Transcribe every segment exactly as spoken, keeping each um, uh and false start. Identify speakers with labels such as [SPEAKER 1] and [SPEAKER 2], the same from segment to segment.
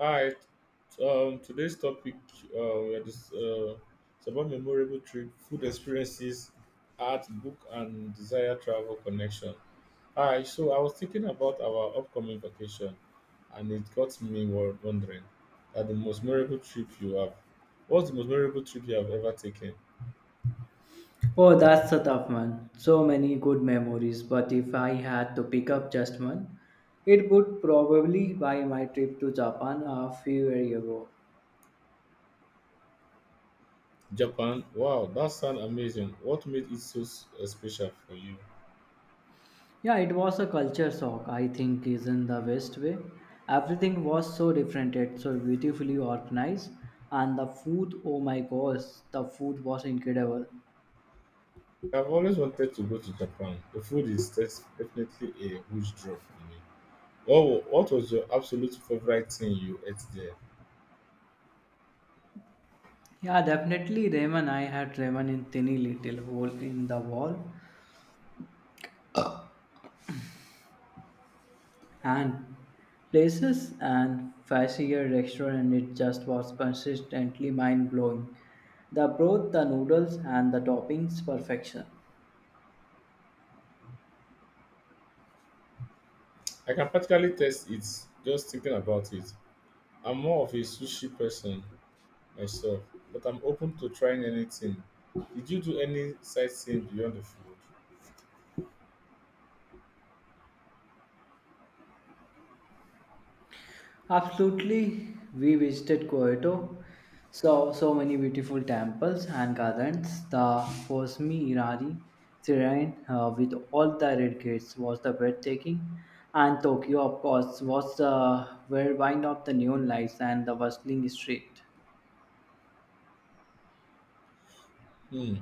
[SPEAKER 1] Hi, um, today's topic uh, we are dis- uh, it's about memorable trip, food experiences, art, book, and desire travel connection. Hi, so I was thinking about our upcoming vacation, and it got me wo- wondering that the most memorable trip you have. What's the most memorable trip you have ever taken?
[SPEAKER 2] Oh, that's a tough one. So many good memories, but if I had to pick up just one, it would probably be my trip to Japan a few years ago.
[SPEAKER 1] Japan. Wow, that sounds amazing. What made it so s- uh, special for you?
[SPEAKER 2] Yeah, it was a culture shock, I think, is in the best way. Everything was so different, yet so beautifully organized, and the food, oh my gosh, the food was incredible.
[SPEAKER 1] I've always wanted to go to Japan. The food is def- definitely a huge draw for me. What wa- what was your absolute favorite thing you ate there?
[SPEAKER 2] Yeah, definitely ramen. I had ramen in tiny little hole in the wall and places and fancier restaurant it just was consistently mind blowing. The broth, the noodles and the toppings perfection.
[SPEAKER 1] I can practically taste it just thinking about it. I'm more of a sushi person myself, but I'm open to trying anything. Did you do any sightseeing beyond the food?
[SPEAKER 2] Absolutely we visited Kyoto, saw so many beautiful temples and gardens. The Fosmi Irari shrine uh, with all the red gates was the breathtaking and Tokyo of course was the whirlwind of the neon lights and the bustling street.
[SPEAKER 1] Hmm.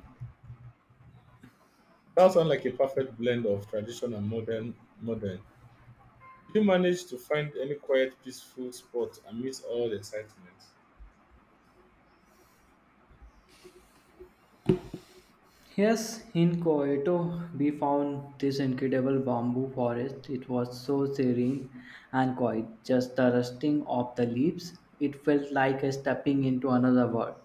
[SPEAKER 1] That sounds like a perfect blend of tradition and modern modern. Did you manage to find any quiet, peaceful spot amidst all the excitement?
[SPEAKER 2] Yes, in Kyoto, we found this incredible bamboo forest. It was so serene and quiet, just the rustling of the leaves. It felt like a stepping into another world.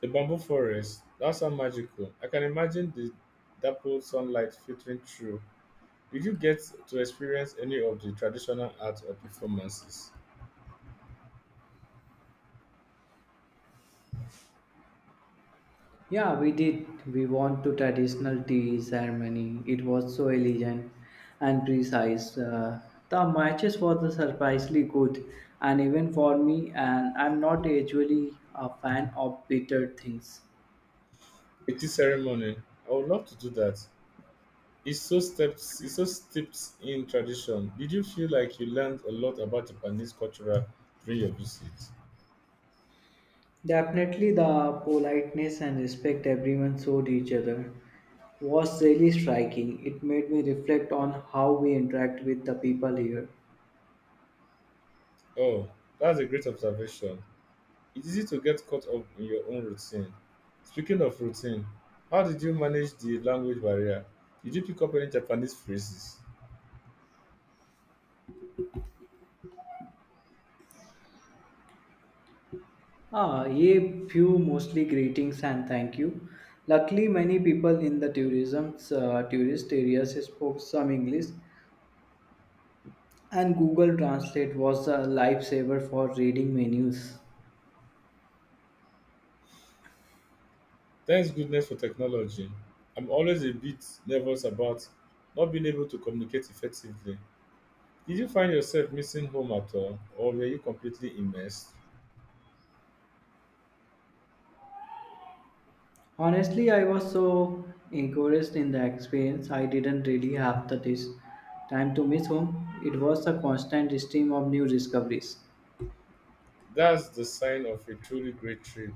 [SPEAKER 1] The bamboo forest, that sounds magical. I can imagine the dappled sunlight filtering through. Did you get to experience any of the traditional art or performances?
[SPEAKER 2] Yeah, we did. We went to traditional tea ceremony. It was so elegant and precise. Uh, the matches were surprisingly good, and even for me, and I'm not usually a fan of bitter things.
[SPEAKER 1] A tea ceremony. I would love to do that. It's so steps it's so steeped in tradition. Did you feel like you learned a lot about Japanese culture during your visit?
[SPEAKER 2] Definitely the politeness and respect everyone showed each other was really striking. It made me reflect on how we interact with the people here.
[SPEAKER 1] Oh, that's a great observation. It's easy to get caught up in your own routine. Speaking of routine, how did you manage the language barrier? Did you pick up any Japanese phrases?
[SPEAKER 2] Ah, ye few mostly greetings and thank you. Luckily, many people in the tourism uh, tourist areas spoke some English, and Google Translate was a lifesaver for reading menus.
[SPEAKER 1] Thanks goodness for technology, I'm always a bit nervous about not being able to communicate effectively. Did you find yourself missing home at all, or were you completely immersed?
[SPEAKER 2] Honestly, I was so encouraged in the experience, I didn't really have the dis- time to miss home. It was a constant stream of new discoveries.
[SPEAKER 1] That's the sign of a truly great trip.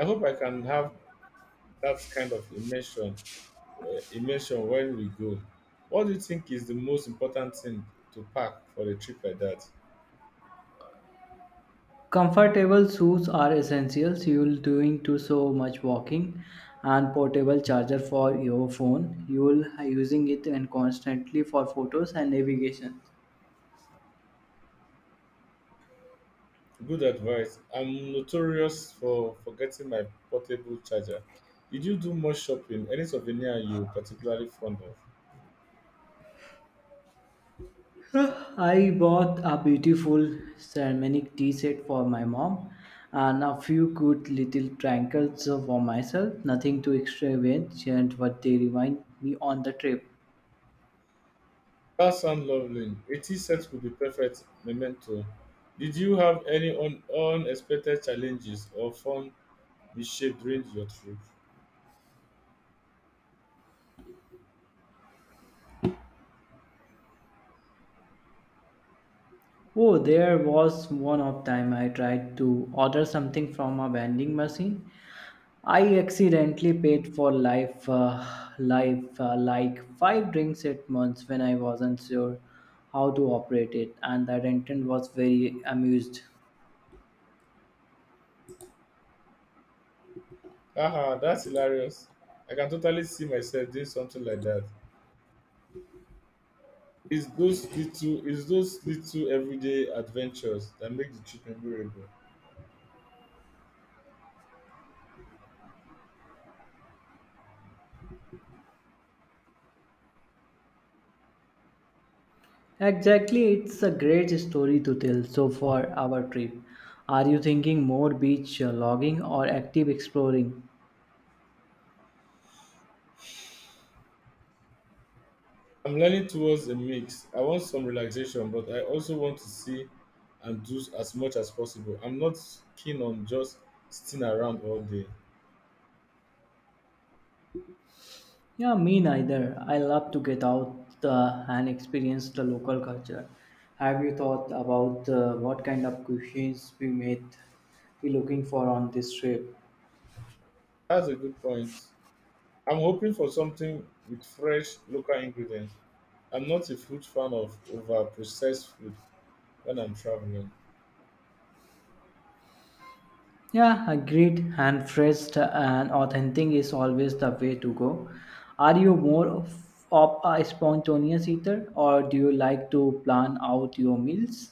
[SPEAKER 1] I hope I can have that kind of immersion, uh, immersion when we go. What do you think is the most important thing to pack for a trip like that?
[SPEAKER 2] Comfortable shoes are essentials. You'll doing to so much walking, and portable charger for your phone. You'll using it and constantly for photos and navigation.
[SPEAKER 1] Good advice. I'm notorious for forgetting my portable charger. Did you do much shopping? Any souvenir you particularly fond of?
[SPEAKER 2] I bought a beautiful ceramic tea set for my mom and a few cute little trinkets for myself. Nothing too extravagant, but they remind me on the trip.
[SPEAKER 1] That sounds lovely. Eighty tea would be perfect memento. Did you have any un- unexpected challenges or fun mishape during your trip?
[SPEAKER 2] Oh, there was one of time I tried to order something from a vending machine. I accidentally paid for life, uh, life uh, like five drinks at once when I wasn't sure how to operate it, and the attendant was very amused.
[SPEAKER 1] Haha, that's hilarious. I can totally see myself doing something like that. It's those little, it's those little everyday adventures that make the trip memorable.
[SPEAKER 2] Exactly, it's a great story to tell. So, for our trip, are you thinking more beach uh, logging or active exploring?
[SPEAKER 1] I'm learning towards a mix. I want some relaxation, but I also want to see and do as much as possible. I'm not keen on just sitting around all day.
[SPEAKER 2] Yeah, me neither. I love to get out uh, and experience the local culture. Have you thought about uh, what kind of cuisines we might be looking for on this trip?
[SPEAKER 1] That's a good point. I'm hoping for something with fresh local ingredients. I'm not a huge fan of over processed food when I'm traveling.
[SPEAKER 2] Yeah, agreed. And fresh and authentic is always the way to go. Are you more of, of a spontaneous eater or do you like to plan out your meals?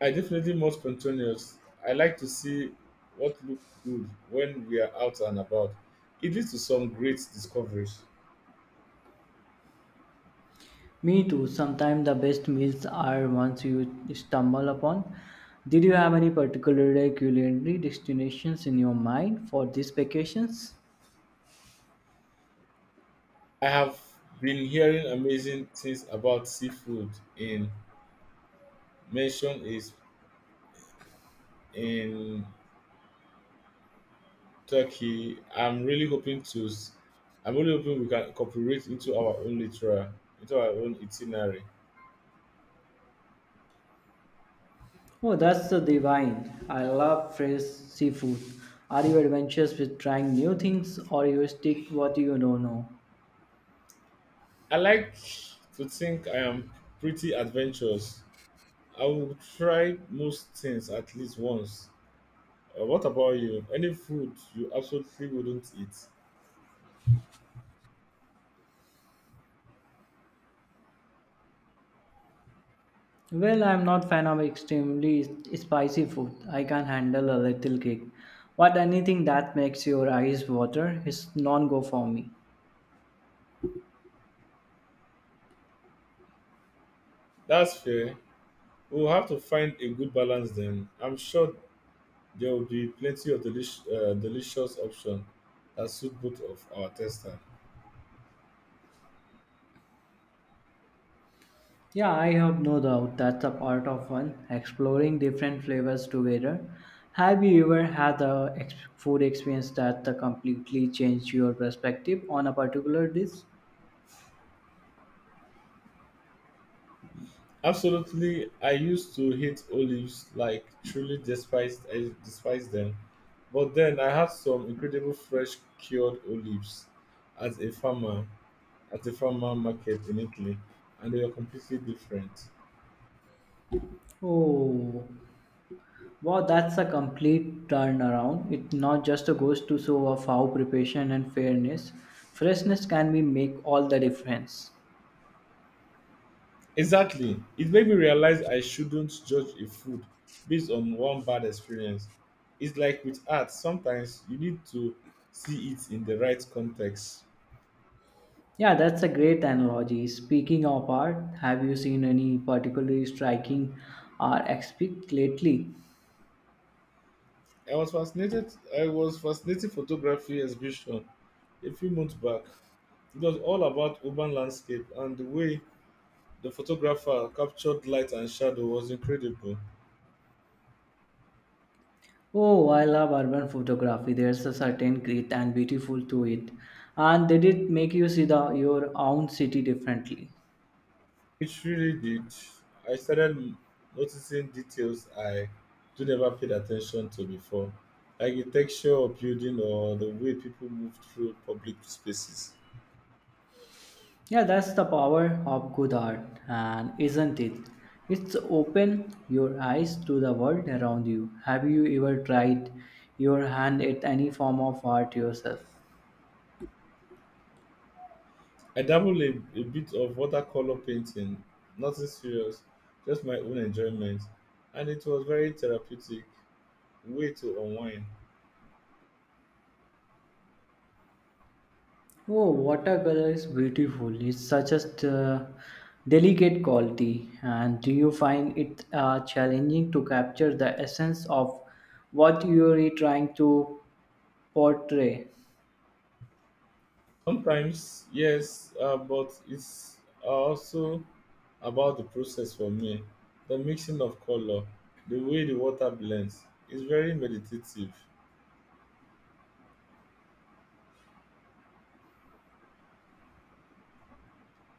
[SPEAKER 1] I definitely more spontaneous. I like to see what look good when we are out and about. It leads to some great discoveries.
[SPEAKER 2] Me too. Sometimes the best meals are ones you stumble upon. Did you have any particular culinary destinations in your mind for these vacations?
[SPEAKER 1] I have been hearing amazing things about seafood in mention is in Turkey. I'm really hoping to s- I'm really hoping we can incorporate into our own literal into our own itinerary.
[SPEAKER 2] Oh, that's the divine. I love fresh seafood. Are you adventurous with trying new things or you stick what you don't know?
[SPEAKER 1] I like to think I am pretty adventurous. I will try most things at least once. Uh, what about you? Any food you absolutely wouldn't eat?
[SPEAKER 2] Well, I'm not fan of extremely spicy food. I can handle a little kick, but anything that makes your eyes water is non-go for me.
[SPEAKER 1] That's fair. We'll have to find a good balance then. I'm sure there will be plenty of delish, uh, delicious options that suit both of our tester.
[SPEAKER 2] Yeah, I have no doubt that's a part of fun, exploring different flavors together. Have you ever had a ex- food experience that completely changed your perspective on a particular dish?
[SPEAKER 1] Absolutely, I used to hate olives, like truly despised I despise them. But then I had some incredible fresh cured olives at a farmer at a farmer market in Italy, and they were completely different.
[SPEAKER 2] Oh, wow, that's a complete turnaround. It not just goes to show of how preparation and fairness, freshness can be make all the difference.
[SPEAKER 1] Exactly. It made me realize I shouldn't judge a food based on one bad experience. It's like with art, sometimes you need to see it in the right context.
[SPEAKER 2] Yeah, that's a great analogy. Speaking of art, have you seen any particularly striking art exhibit lately?
[SPEAKER 1] I was fascinated I was fascinated photography exhibition a few months back. It was all about urban landscape and the way the photographer captured light and shadow was incredible.
[SPEAKER 2] Oh, I love urban photography. There's a certain grit and beautiful to it, and did it make you see the your own city differently?
[SPEAKER 1] It really did. I started noticing details I do never paid attention to before, like the texture of building or the way people move through public spaces.
[SPEAKER 2] Yeah, that's the power of good art, and isn't it? It's open your eyes to the world around you. Have you ever tried your hand at any form of art yourself?
[SPEAKER 1] I dabbled a, a bit of watercolor painting, nothing serious, just my own enjoyment, and it was very therapeutic way to unwind.
[SPEAKER 2] Oh, watercolor is beautiful. It's such a uh, delicate quality. And do you find it uh, challenging to capture the essence of what you're trying to portray?
[SPEAKER 1] Sometimes, yes, uh, but it's uh, also about the process for me. The mixing of color, the way the water blends, is very meditative.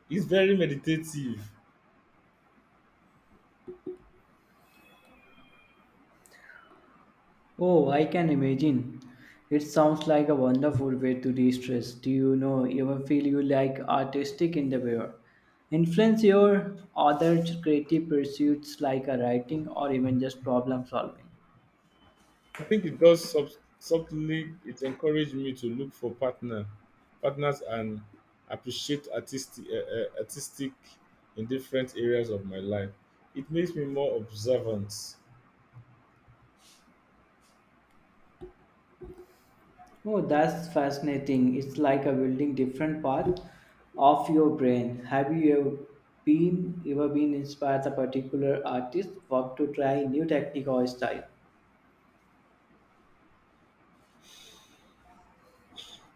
[SPEAKER 1] It's very meditative.
[SPEAKER 2] Oh, I can imagine. It sounds like a wonderful way to de-stress. Do you know ever feel you like artistic endeavor? Influence your other creative pursuits like a writing or even just problem solving.
[SPEAKER 1] I think it does sub- subtly. It encouraged me to look for partner, partners, and appreciate artistic, uh, uh, artistic in different areas of my life. It makes me more observant.
[SPEAKER 2] Oh, that's fascinating. It's like a building different part of your brain. Have you ever been ever been inspired a particular artist work to try new technique or style?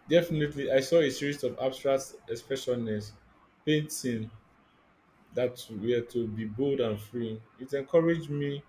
[SPEAKER 1] Definitely, I saw a series of abstract expressionists painting that were to be bold and free. It encouraged me.